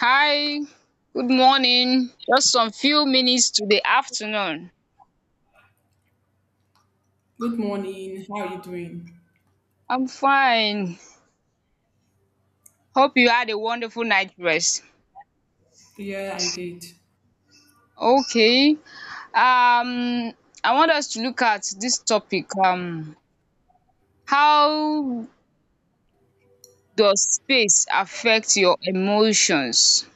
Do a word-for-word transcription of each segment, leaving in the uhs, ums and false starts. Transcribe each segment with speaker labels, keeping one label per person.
Speaker 1: Hi, good morning. Just some few minutes to the afternoon.
Speaker 2: Good morning. How are you doing?
Speaker 1: I'm fine. Hope you had a wonderful night rest.
Speaker 2: Yeah, I did.
Speaker 1: Okay. Um, I want us to look at this topic. Um, how does space affect your emotions?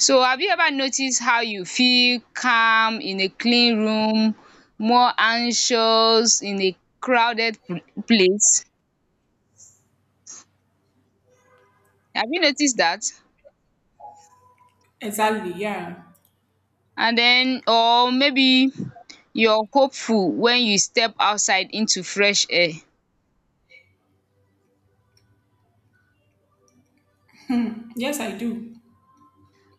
Speaker 1: So, have you ever noticed how you feel calm in a clean room, more anxious in a crowded pl- place? Have you noticed that?
Speaker 2: Exactly. Yeah.
Speaker 1: And then, or maybe you're hopeful when you step outside into fresh air.
Speaker 2: Yes, I do.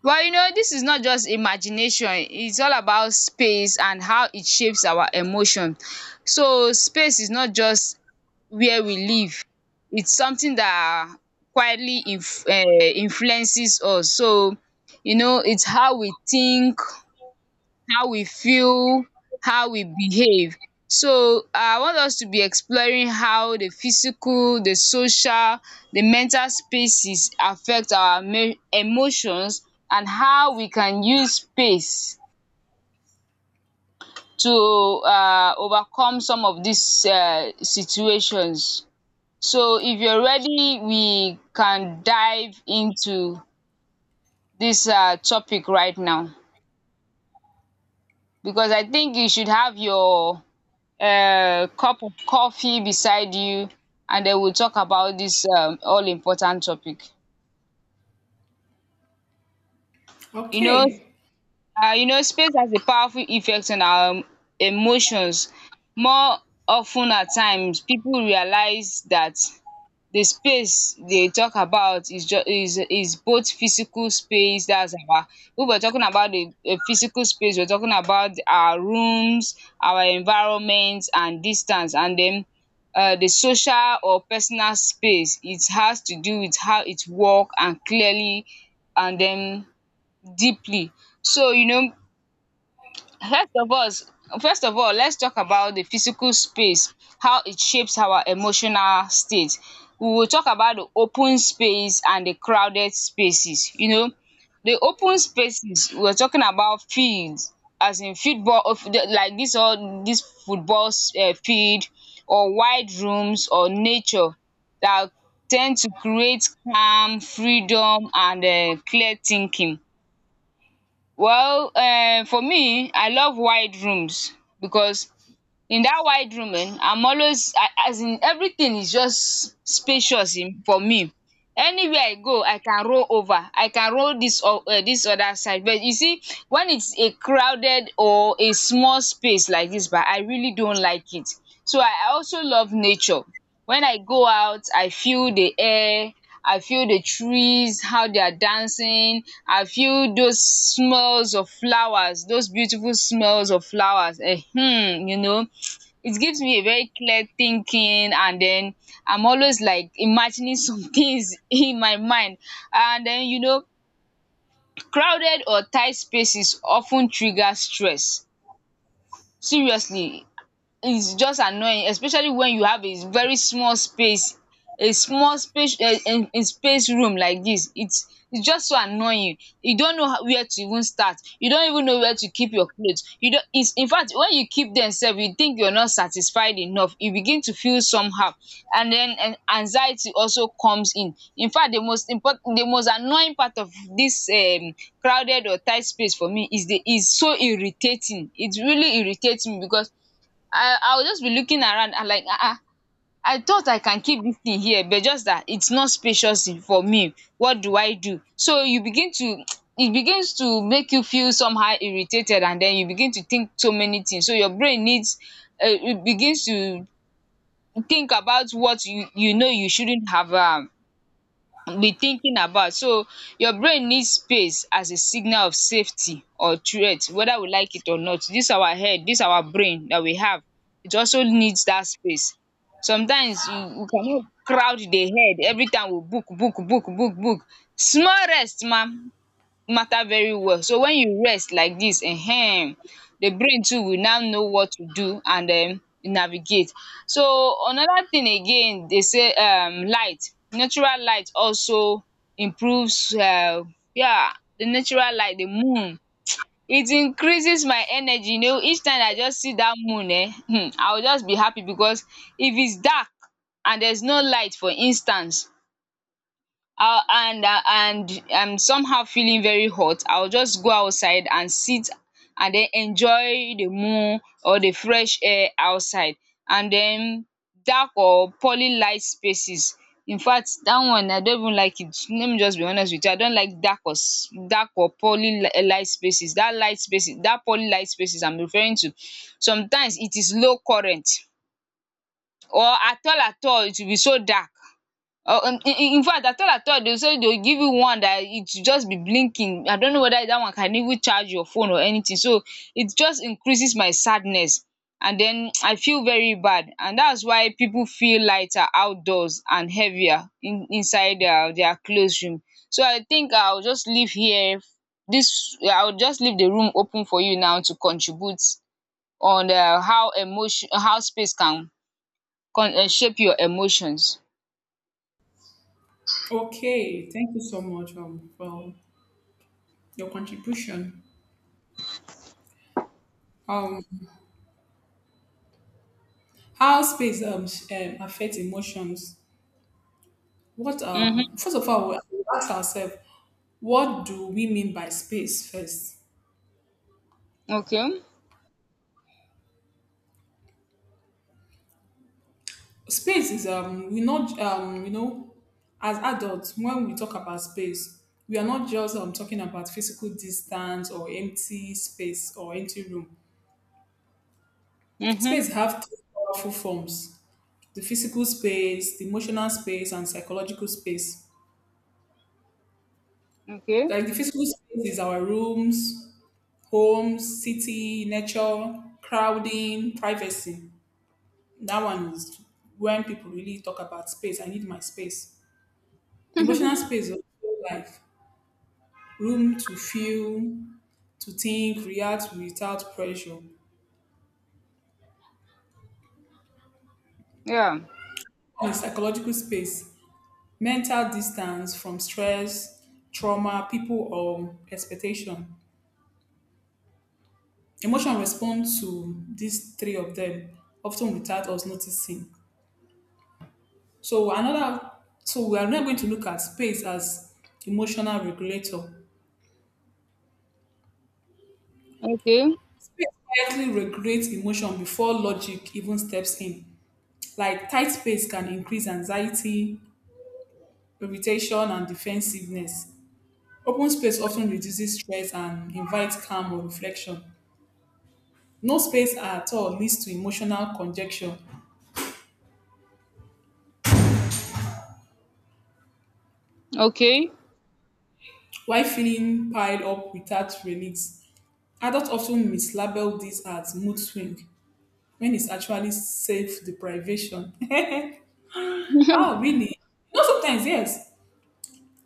Speaker 1: But you know this is not just imagination, it's all about space and how it shapes our emotion. So space is not just where we live, it's something that quietly inf um influences us. So you know it's how we think, how we feel, how we behave. So I want us to be exploring how the physical, the social, the mental spaces affect our me- emotions and how we can use space to uh, overcome some of these uh, situations. So if you're ready, we can dive into this uh, topic right now, because I think you should have your a cup of coffee beside you, and then we'll talk about this um, all important topic. You know,
Speaker 2: Okay.
Speaker 1: Uh, you know, space has a powerful effect on our um, emotions. More often at times, people realize that the space they talk about is just is is both physical space. That's our, we were talking about the the physical space, we're talking about our rooms, our environment and distance. And then uh, the social or personal space, it has to do with how it work, and clearly, and then deeply. So you know, First of all, first of all, let's talk about the physical space, how it shapes our emotional state. We will talk about the open space and the crowded spaces. You know, the open spaces we're talking about fields, as in football, of the- like this, all this football um field, or wide rooms, or nature, that tend to create calm, freedom and um clear thinking. Well, um for me, I love wide rooms, because in that wide room um I'm always, I as in everything is just spacious um for me. Anywhere I go, I can roll over, I can roll dis um this other side. But you see, when it's a crowded or a small space like this, bah, I really don't like it. So I I also love nature. When I go out, I feel the air, I feel the trees, how they are dancing. I feel those smells of flowers, those beautiful smells of flowers. um you know it gives me a very clear thinking, and then I'm always like imagining some things in my mind. And then you know crowded or tight spaces often trigger stress. Seriously, it's just annoying, especially when you have a very small space. A small space, eh, in in space room like this, its its just so annoying. You don't know how, where to even start, you don't even know where to keep your clothes. You don't, it's, in fact, when you keep them sef, you think you're not satisfied enough, you begin to feel somehow. And then um anxiety also comes in. In fact, the most important, the most annoying part of this um crowded or tight space for me is the, is so irritating, it really irritates me, because I I will just be looking around, and like, ah, ah, I thought I can keep this thing here, but just that it's not spacious in- for me. What do I do? So you begin to it begins to make you feel somehow irritated, and then you begin to think so many things. So your brain needs, um it begins to think about what you you know you shouldn't have um be thinking about. So your brain needs space as a signal of safety or threat, whether we like it or not. This our head, this our brain that we have, it also needs that space. Sometimes you we cannot crowd the head every time we book book book book book. Small rest ma matter very well. So when you rest like dis, um the brain too will now know what to do and um navigate. So another thing again dey say um light, natural light also improves, um yeah, the natural light, the moon, it increases my energy. You know, each time I just see dat moon, um um I will just be happy, because if its dark and there's no light, for instance, ah and ah and I'm somehow feeling very hot, I'll just go outside and sit and then enjoy the moon or the fresh air outside. And then, dark or poorly light spaces, infact that one I don't even like it. Let me just be honest with you, I don't like dark or s- dark or poorly li- eh, light spaces, that light spaces, that poorly light spaces I'm referring to. Sometimes it is low current, or at all, at all it will be so dark. Oh, um in, in in fact, I thought I thought they say they will give you one that it should just be blinking. I don't know whether that one can even charge your phone or anything. So it just increases my sadness, and then I feel very bad. And that's why people feel lighter outdoors and heavier in inside their their classroom. So I think I'll just leave here this I'll just leave the room open for you now to contribute on um how emotion how space can con- uh, shape your emotions.
Speaker 2: Okay. Thank you so much um, for your contribution. Um, how space um, s- um affects emotions? What
Speaker 1: Mhm.
Speaker 2: um First of all, we ask ourselves, what do we mean by space first?
Speaker 1: Okay.
Speaker 2: Space is um we not um you know, as adults when we talk about space we are not just um talking about physical distance or empty space or empty room.
Speaker 1: Mhm.
Speaker 2: Space have three powerful forms: the physical space, the emotional space, and psychological space.
Speaker 1: Okay.
Speaker 2: Like the physical space is our rooms, homes, city, nature, crowding, privacy. That one is when people really talk about space. I need my space. Emotional space is also like room to feel, to think, react without pressure,
Speaker 1: Yeah.
Speaker 2: a psychological space, mental distance from stress, trauma, people, or expectation. Emotion respond to these three of them, often without us noticing. So another, so we are now going to look at space as emotional regulator.
Speaker 1: Okay.
Speaker 2: Space quietly regulates emotion before logic even steps in. Like tight space can increase anxiety, irritation, and defensiveness. Open space often reduces stress and invites calm or reflection. No space at all leads to emotional congestion,
Speaker 1: Okay.
Speaker 2: while feeling piled up without release. Adults often mislabel this as mood swing when it's actually self deprivation. Oh, really? No, sometimes, yes.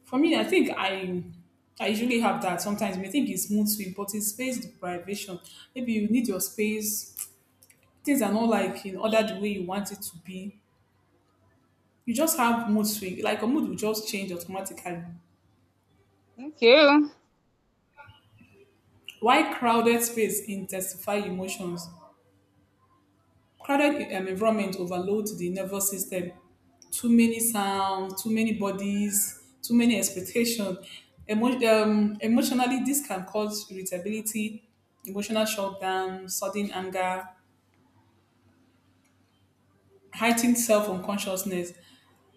Speaker 2: For me, I think I I usually have that. Sometimes you may think it's mood swing, but it's space deprivation. Maybe you need your space. Things are not like in order the way you want it to be. You just have mood swing. Like your mood will just change automatically.
Speaker 1: Okay.
Speaker 2: Why crowded space intensify emotions? Crowded um, environment overload the nervous system. Too many sounds, too many bodies, too many expectations. Emo- um, emotionally, this can cause irritability, emotional shutdown, sudden anger, heightened self-unconsciousness.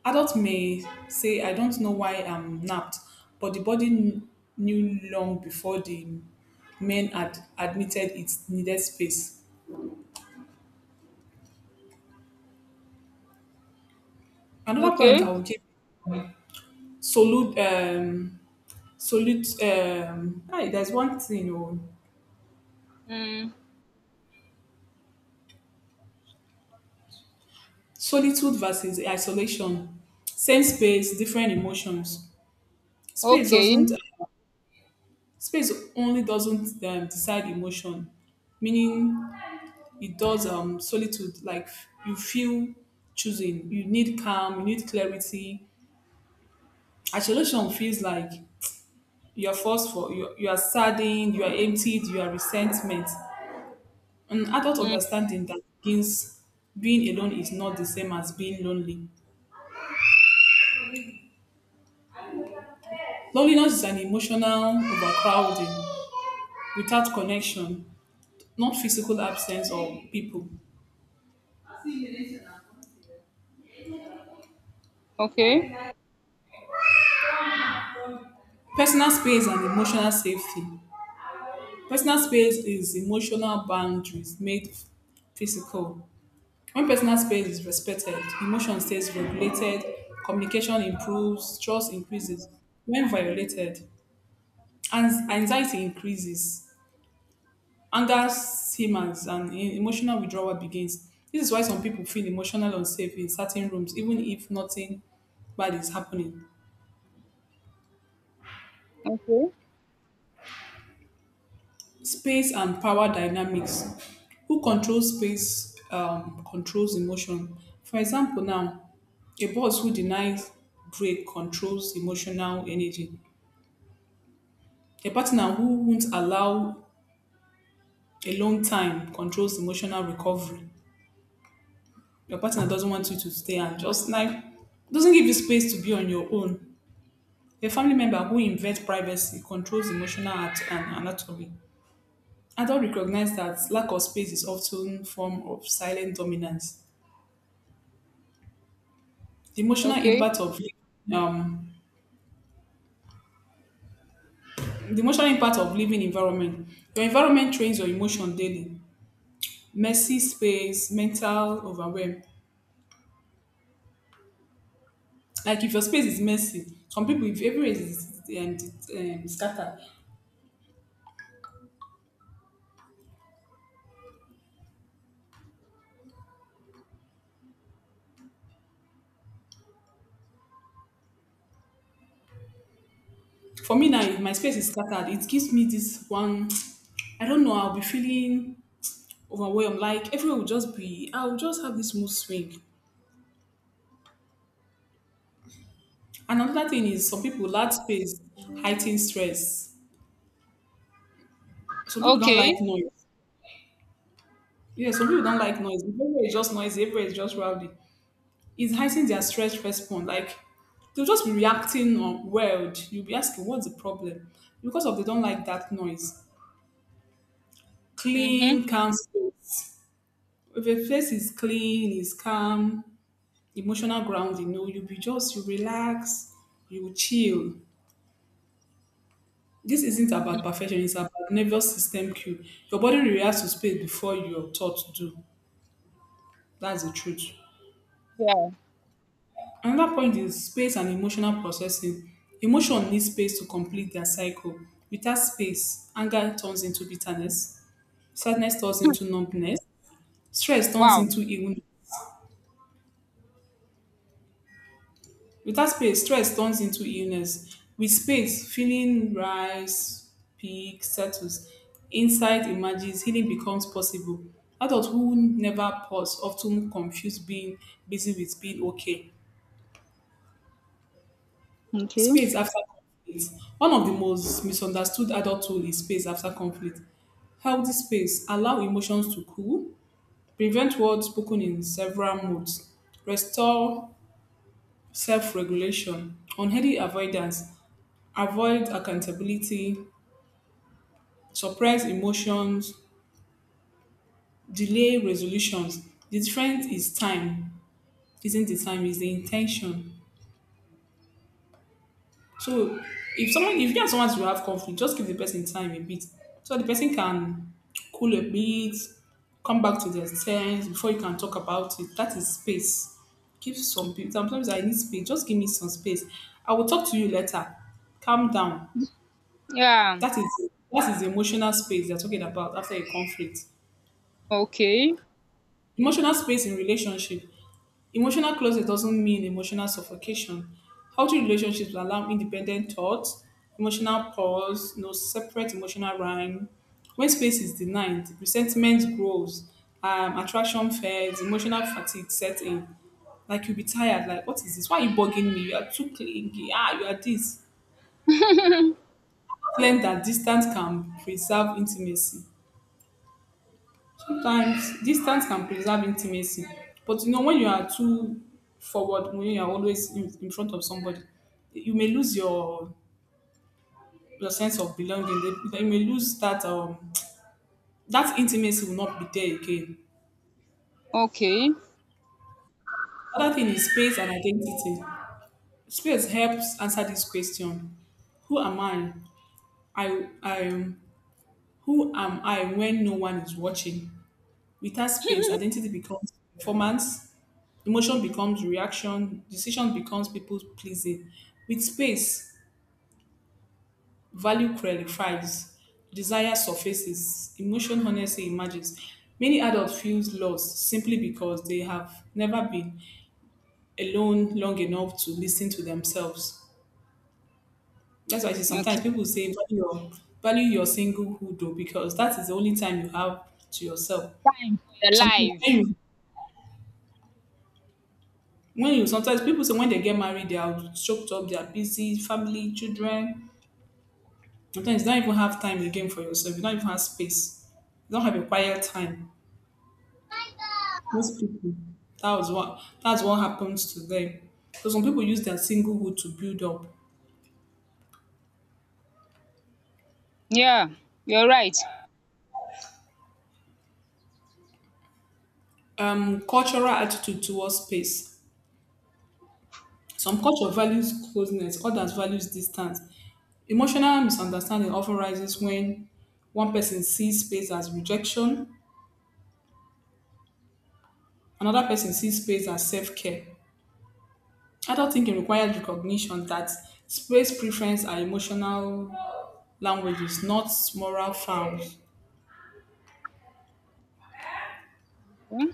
Speaker 2: Adults may say, I don't know why I'm napped, but the body kn- knew long before the men had admitted it needed space. Another point
Speaker 1: Okay.
Speaker 2: I will give, solid um solid um hey, there's one thing. Oh,
Speaker 1: Mm.
Speaker 2: solitude versus isolation, same space different emotions. space
Speaker 1: Okay.
Speaker 2: doesn't space only doesn't um, decide emotion, meaning it does. Um solitude like you feel choosing, you need calm, you need clarity. Isolation feels like you are forced. For you, you are saddened, you are emptied, you are resentment. An adult
Speaker 1: Mm.
Speaker 2: understanding that begins, being alone is not the same as being lonely. Loneliness is an emotional overcrowding without connection, not physical absence of people.
Speaker 1: Okay.
Speaker 2: Personal space and emotional safety. Personal space is emotional boundaries made physical. When personal space is respected, emotion stays regulated, communication improves, trust increases. When violated, ans- anxiety increases, anger simmers, and e- emotional withdrawal begins. This is why some people feel emotional unsafe in certain rooms, even if nothing bad is happening.
Speaker 1: Okay.
Speaker 2: Space and power dynamics. Who controls space um, controls emotion. For example, now, a boss who denies break controls emotional energy. A partner who won't allow a long time controls emotional recovery. Your partner doesn't want you to stay and just like doesn't give you space to be on your own. A family member who invades privacy controls emotional at- and anatomy. Adults recognize that lack of space is often form of silent dominance. The emotional
Speaker 1: Okay.
Speaker 2: impact of um, the emotional impact of living environment. Your environment trains your emotion daily. Messy space, mental overwhelm. Like if your space is messy, some people if everywhere is um, um, scattered. For me now, if my space is scattered, it gives me this one. I don't know. I'll be feeling overwhelmed. Like everywhere will just be. I'll just have this mood swing. Another thing is some people large space heighten stress. Some people don't like
Speaker 1: Okay.
Speaker 2: noise. Yeah, some people don't like noise. If everywhere is just noisy, everywhere is just rowdy. It's heightening their stress response. Like they'll just be reacting on world. You'll be asking, what's the problem? Because of they don't like that noise.
Speaker 1: Mhm.
Speaker 2: Clean, calm space. If a place is clean, is calm, emotional ground, you know, you'll be just you relax, you chill. This isn't about perfection, it's about nervous system cue. Your body reacts to space before your thoughts do. That's the truth.
Speaker 1: Yeah.
Speaker 2: Another point is space and emotional processing. Emotion needs space to complete their cycle. Without space, anger turns into bitterness, sadness turns into numbness, stress turns
Speaker 1: Wow.
Speaker 2: into illness. Without space, stress turns into illness. With space, feeling rise, peak, settles. Insight emerges, healing becomes possible. Adults who never pause often confuse being busy with being okay.
Speaker 1: Okay.
Speaker 2: Space after conflict. One of the most misunderstood adult tools is space after conflict. Healthy space allow emotions to cool, prevent words spoken in several moods, restore self-regulation, unhealthy avoidance, avoid accountability, suppress emotions, delay resolutions. The difference is time, isn't the time, is the intention. So if someone, if you and someone to have conflict, just give the person time a bit so the person can cool a bit, come back to their sense before you can talk about it. That is space. Give some people sometimes, I need space. Just give me some space. I will talk to you later. Calm down.
Speaker 1: Yeah.
Speaker 2: That is, that is the emotional space they're talking about after a conflict.
Speaker 1: Okay.
Speaker 2: Emotional space in relationship. Emotional closet doesn't mean emotional suffocation. Healthy relationships allow independent thoughts, emotional pause, no separate emotional rhyme. When space is denied, resentment grows, um, attraction fades, emotional fatigue sets in. Like you'll be tired, like, what is this? Why are you bugging me? You are too clingy. Ah, you are this. Claim that distance can preserve intimacy. Sometimes distance can preserve intimacy, but you know when you are too forward, when you are always in, in front of somebody, you may lose your your sense of belonging. You may lose that um that intimacy will not be there again.
Speaker 1: Okay.
Speaker 2: Other thing is space and identity. Space helps answer this question: Who am I? I I am. Who am I when no one is watching? Without space, identity becomes performance, emotion becomes reaction, decision becomes people pleasing. With space, value clarifies, desire surfaces, emotion honestly emerges. Many adults feel lost simply because they have never been alone long enough to listen to themselves. That's why I say sometimes
Speaker 1: Okay.
Speaker 2: people say value your value your singlehood though, because that is the only time you have to yourself.
Speaker 1: You're
Speaker 2: Sometimes when
Speaker 1: alive.
Speaker 2: you when you sometimes people say when they get married they are choked up, they are busy family children, sometimes you don't even have time again for yourself, you don't even have space, you don't have a quiet time. Most people, that was what that's what happens to them. So some people use their singlehood to build up.
Speaker 1: Yeah. You're right.
Speaker 2: Um cultural attitude towards space. Some culture values closeness, others values distance. Emotional misunderstanding often rises when one person sees space as rejection, another person sees space as self-care. Adult thinking requires recognition that space preference are emotional languages, not moral forms.
Speaker 1: Mm.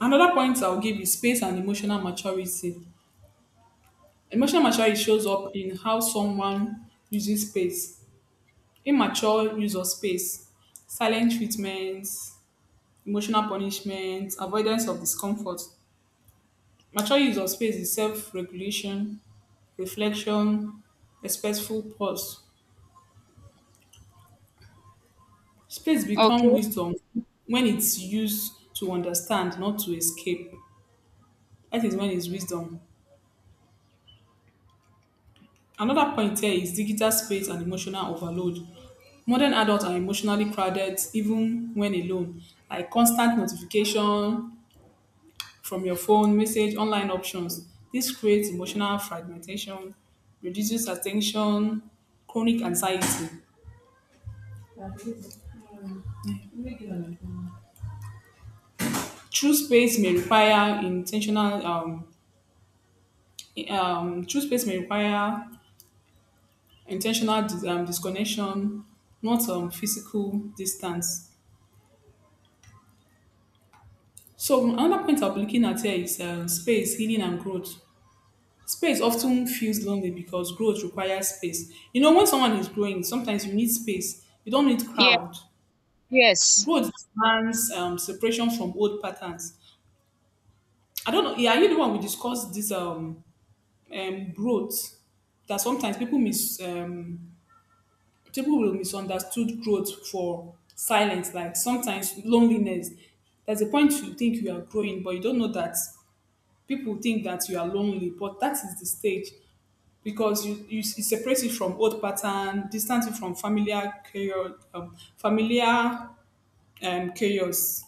Speaker 2: Another point I'll give is space and emotional maturity. Emotional maturity shows up in how someone uses space, immature use of space, silent treatments, emotional punishment, avoidance of discomfort. Mature use of space is self regulation, reflection, respectful pause. Space becomes
Speaker 1: Okay.
Speaker 2: wisdom when it's used to understand, not to escape. That is when it's wisdom. Another point here is digital space and emotional overload. Modern adults are emotionally crowded even when alone, like constant notification from your phone, message, online options. This creates emotional fragmentation, reduces attention, chronic anxiety. True space may require intentional um, Um, true space may require intentional dis- um, disconnection, not um, physical distance. So another point I'm looking at here is um, space, healing, and growth. Space often feels lonely because growth requires space. You know, when someone is growing, sometimes you need space. You don't need
Speaker 1: Yeah.
Speaker 2: crowd.
Speaker 1: Yes.
Speaker 2: Growth demands um, separation from old patterns. I don't know. Yeah, are you the one we discussed this um, um growth that sometimes people mis um people will misunderstood growth for silence, like sometimes loneliness. There's a point you think you are growing, but you don't know that people think that you are lonely, but that is the stage because you, you it separates you from old pattern, distance you from familiar chaos, um, familiar um, chaos,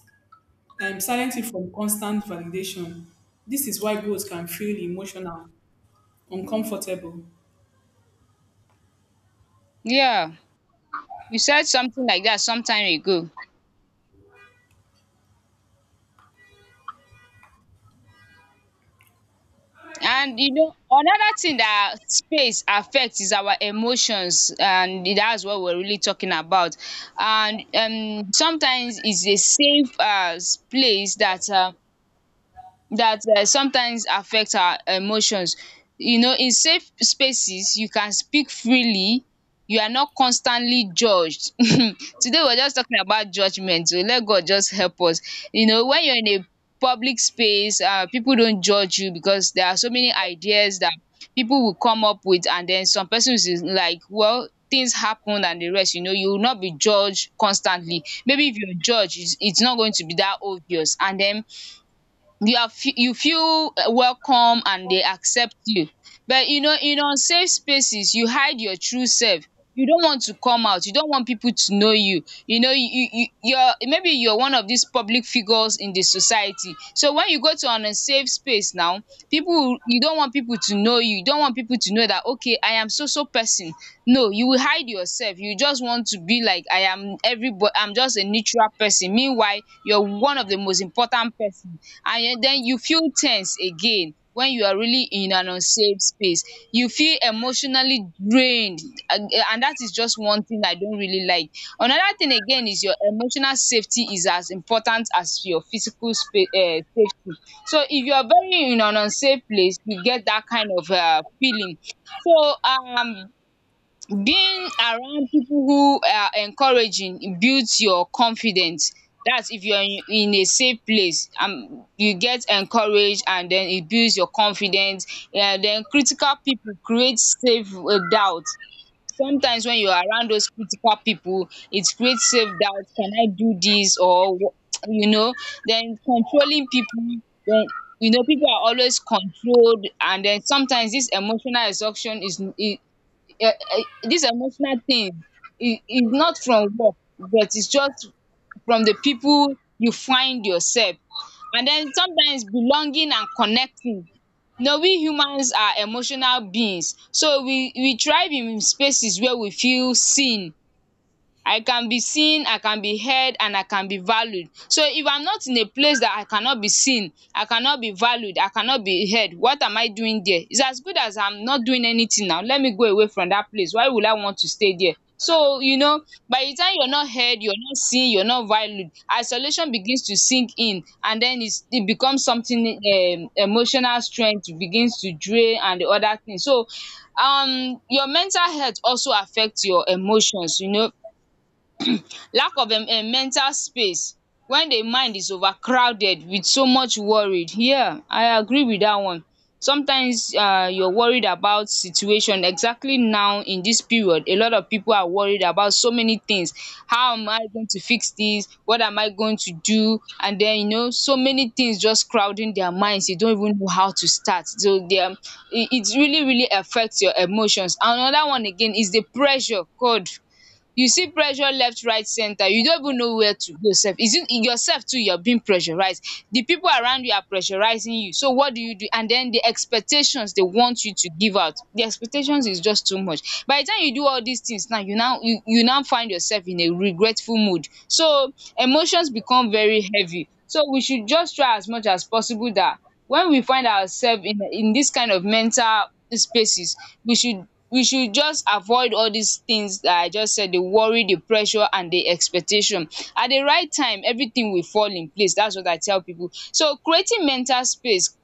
Speaker 2: um, silence you from constant validation. This is why growth can feel emotional, uncomfortable.
Speaker 1: Yeah. You said something like that some time ago. And you know another thing dat space affect is our emotions, and dats what we're really talking about. And um sometimes is a safe um place dat um that um sometimes affect our emotions. You know, in safe spaces you can speak freely, you are not constantly judged. Today we're just talking about judgment, so let god just help us. You know, when you're in a public space, uh people don't judge you, because there are so many ideas that people will come up with. And then some persons is like, well, things happen, and the rest. You know, you will not be judged constantly, maybe if you're judged, it's, it's not going to be that obvious. And then you are fe- you feel uh, welcome, and they accept you. But you know, in unsafe spaces you hide your true self, you don't want to come out, you don't want people to know you. You know you you you- You're, maybe you're one of these public figures in the society. So when you go to an unsafe space now, people will you don't want people to know you, you don't want people to know that, okay, I am so so person. No, you will hide yourself, you just want to be like, I am everybody, I'm just a neutral person, meanwhile you're one of the most important person. And then you feel tense again when you are really in an unsafe space, you feel emotionally drained. And and that is just one thing I don't really like. Another thing again is, your emotional safety is as important as your physical spa um safety. So if you are very in an unsafe place, you get that kind of um feeling. So, um being around people who are encouraging builds your confidence. That's if you're in, in a safe place and you get encouraged, and then it builds your confidence. And then critical people create safe uh, doubt. Sometimes when you're around those critical people, it creates safe doubt. Can I do this, or wh- you know. Then controlling people. Then you know people are always controlled, and then sometimes this emotional exhaustion is, um dis emotional thing, e e not from work, but is just from the people you find yourself. And den sometimes belonging and connecting. You know, we humans are emotional beings, so we we thrive in spaces where we feel seen. I can be seen, I can be heard, and I can be valued. So if I'm not in a place that I cannot be seen, I cannot be valued, I cannot be heard, what am I doing there? It's as good as I'm not doing anything now. Let me go away from that place. Why would I want to stay there? So, you know, by the time you're not heard, you're not seen, you're not valued, isolation begins to sink in, and then it's, it becomes something, um, emotional strength begins to drain and the other thing. So, um, your mental health also affects your emotions, you know lack of um um mental space when the mind is overcrowded with so much worried. Yeah, I agree with that one. Sometimes um you're worried about situation, exactly. Now in this period a lot of people are worried about so many things. How am I going to fix this, what am I going to do? And then you know so many things just crowding their minds, you don't even know how to start, so they um it it really really affects your emotions. Another one again is the pressure. God, you see pressure left, right, center, you don't even know where to go sef. Is it yourself too you're being pressurized? The people around you are pressurizing you, so what do you do? And then the expectations, they want you to give out, the expectations is just too much. By the time you do all these things now, you now you, you now find yourself in a regretful mood, so emotions become very heavy. So we should just try as much as possible that when we find ourselves in in this kind of mental spaces, we should we should just avoid all these things that I just said: the worry, the pressure and the expectation. At the right time everything will fall in place, that's what I tell people. So creating mental space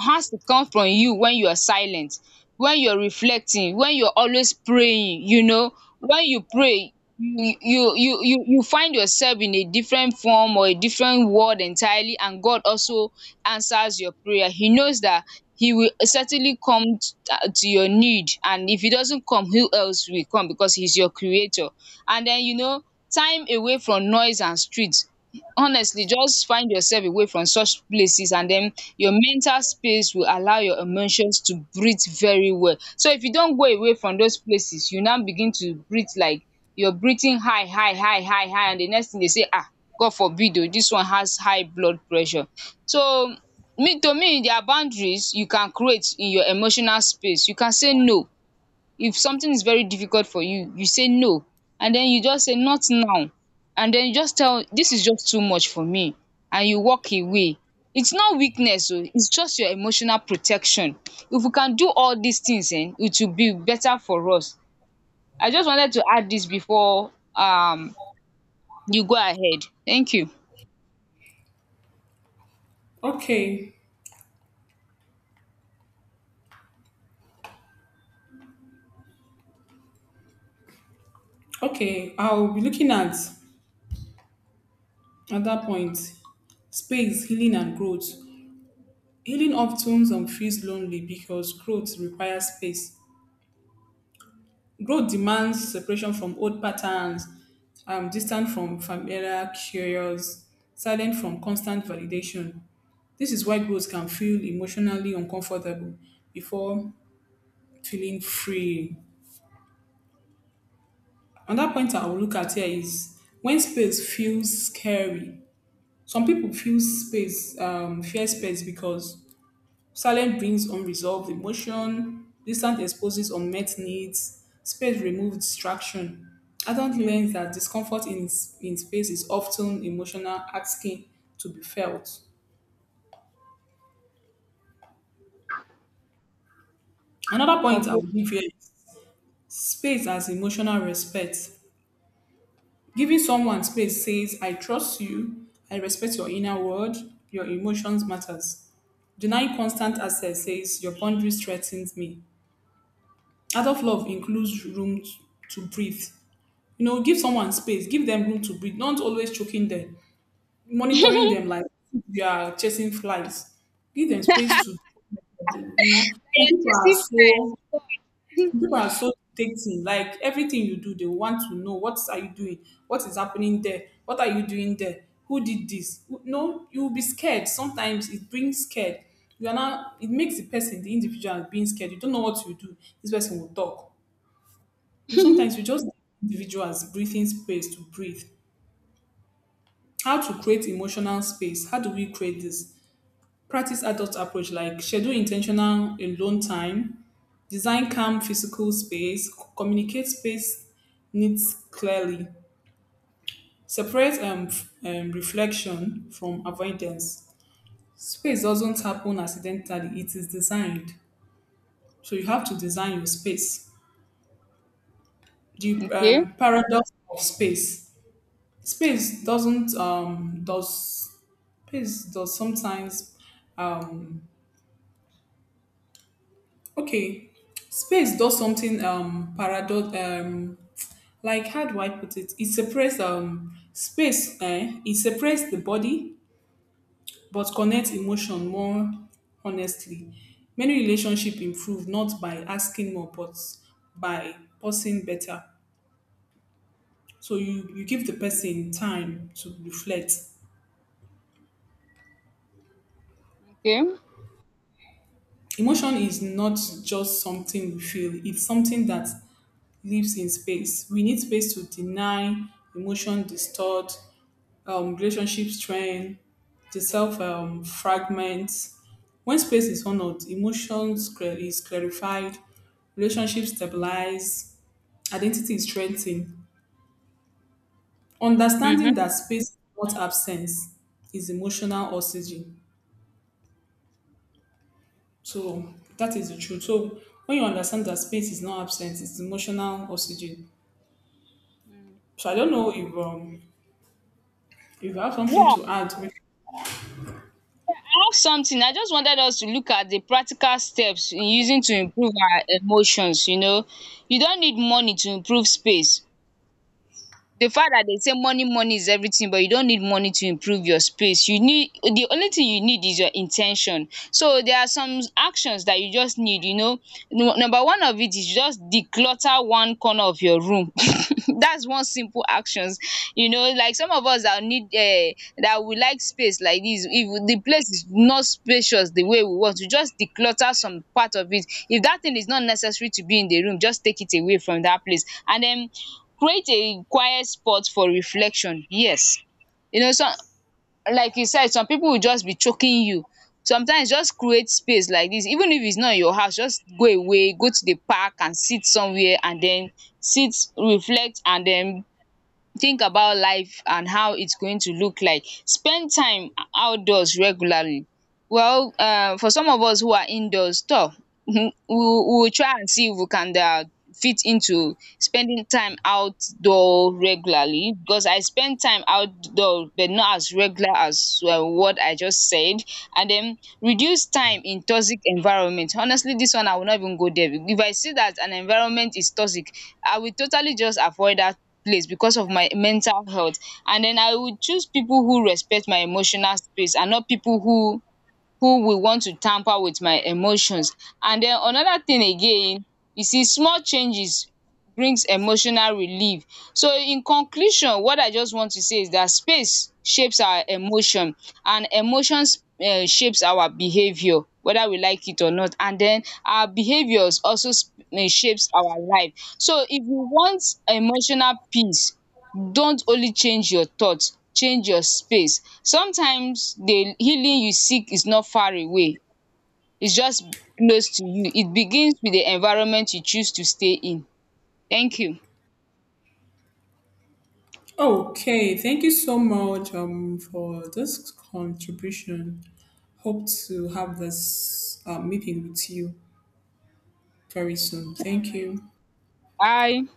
Speaker 1: has to come from you, when you are silent, when you're reflecting, when you're always praying, you know. When you pray, you you you you you find yourself in a different form or a different world entirely, and God also answers your prayer. He knows that he will certainly come t- to your need, and if he doesn't come, who else will come because he's your creator. And then you know, time away from noise and streets, honestly just find yourself away from such places and then your mental space will allow your emotions to breathe very well. So if you don go away from those places you now begin to breathe like your breathing high high high high high, and the next thing they say, ah, God forbid o, this one has high blood pressure. So me to me, there are boundaries you can create in your emotional space. You can say no. If something is very difficult for you, you say no. And then you just say not now, and then you just tell this is just too much for me, and you walk away. It's not weakness o, it's just your emotional protection. If we can do all these things um it will be better for us. I just wanted to add this before um you go ahead. Thank you.
Speaker 2: Okay, okay, I'll be looking at. At that point, space, healing, and growth. Healing often um, feels lonely because growth requires space. Growth demands separation from old patterns, um, distant from familiar, curious, silent from constant validation. This is why growth can feel emotionally uncomfortable before feeling free. Another point I will look at here is when space feels scary. Some people feel space, um, fear space because silence brings unresolved emotion, distance exposes unmet needs, space removes distraction. Adult learns that discomfort in, in space is often emotional asking to be felt. Another point I
Speaker 1: Okay.
Speaker 2: will give here is space as emotional respect. Giving someone space says, I trust you, I respect your inner world, your emotions matters. Denying constant access says, your boundaries threatens me. Adult love includes room to breathe. You know, give someone space, give them room to breathe. Not always choking them, monitoring them like you are chasing flies. Give them space to, you know. Some people are so, some people are so dictating. Like everything you do, they want to know what are you doing, what is happening there, what are you doing there, who did this. Who- No, you will be scared. Sometimes it brings scared. You are not. It makes the person, the individual, being scared. You don't know what you do. This person will talk. You know, sometimes you just give individuals breathing space to breathe. How to create emotional space. How do we create this? Practice adult approach like schedule intentional alone time, design calm physical space, c- communicate space needs clearly, separate um, f- um, reflection from avoidance. Space doesn't happen accidentally, it is designed. So you have to design your space. The
Speaker 1: Okay.
Speaker 2: um, paradox of space. Space doesn't um, does space does sometimes um. Okay, Space does something um paradox, um like how do I put it? It separates um space, eh? It separates the body but connects emotion more honestly. Many relationship improve not by asking more but by pausing better. So you you give the person time to reflect.
Speaker 1: Okay.
Speaker 2: Emotion is not just something we feel; it's something that lives in space. We need space to deny emotion, distort, um, relationship strain, the self um, fragments. When space is honored, emotions cla- is clarified, relationships stabilize, identity is strengthened. Understanding
Speaker 1: Mmhmm.
Speaker 2: that space is not absence is emotional oxygen. So that is the truth. So when you understand that space is not absent, it's emotional oxygen.
Speaker 1: Mm-hmm.
Speaker 2: So I don't know if um if you have something
Speaker 1: Yeah,
Speaker 2: to add.
Speaker 1: ask something. I just wanted us to look at the practical steps in using to improve our emotions, you know. You don't need money to improve space. The fact that they say money money is everything, but you don't need money to improve your space, you need, the only thing you need is your intention. So there are some actions that you just need, you know. Nu- number one of it is just declutter one corner of your room, that's one simple actions. You know, like some of us that need uh, that we like space like this, if the place is not spacious the way we want, to just declutter some part of it, if that thing is not necessary to be in the room, just take it away from that place. And then create a quiet spot for reflection, yes. You know some, like you said, some pipu will just be choking you. Sometimes just create space like dis, even if it's not your house, just go away, go to the park and sit somewhere and den sit, reflect and den think about life and how it's going to look like. Spend time outdoors regularly. Well, um for some of us who are indoors toh, we we will try and see if we can um fit into spending time outdoor regularly, because I spend time outdoor but not as regular as um what I just said. And then reduce time in toxic environment. Honestly, this one I will not even go there. If I see that an environment is toxic, I will totally just avoid that place because of my mental health. And then I would choose people who respect my emotional space, and not people who who will want to tamper with my emotions. And den another thing again, you see small changes brings emotional relief. So in conclusion, what I just want to say is dat space shapes our emotion, and emotions um shapes our behaviour whether we like it or not, and den our behaviours also sp- eh, shapes our life. So if you want emotional peace, dont only change your thoughts, change your space. Sometimes the healing you seek is not far away, its just close to you. It begins with the environment you choose to stay in. Thank you.
Speaker 2: Okay, thank you so much um, for this contribution. Hope to have this uh, meeting with you very soon. Thank you.
Speaker 1: Bye.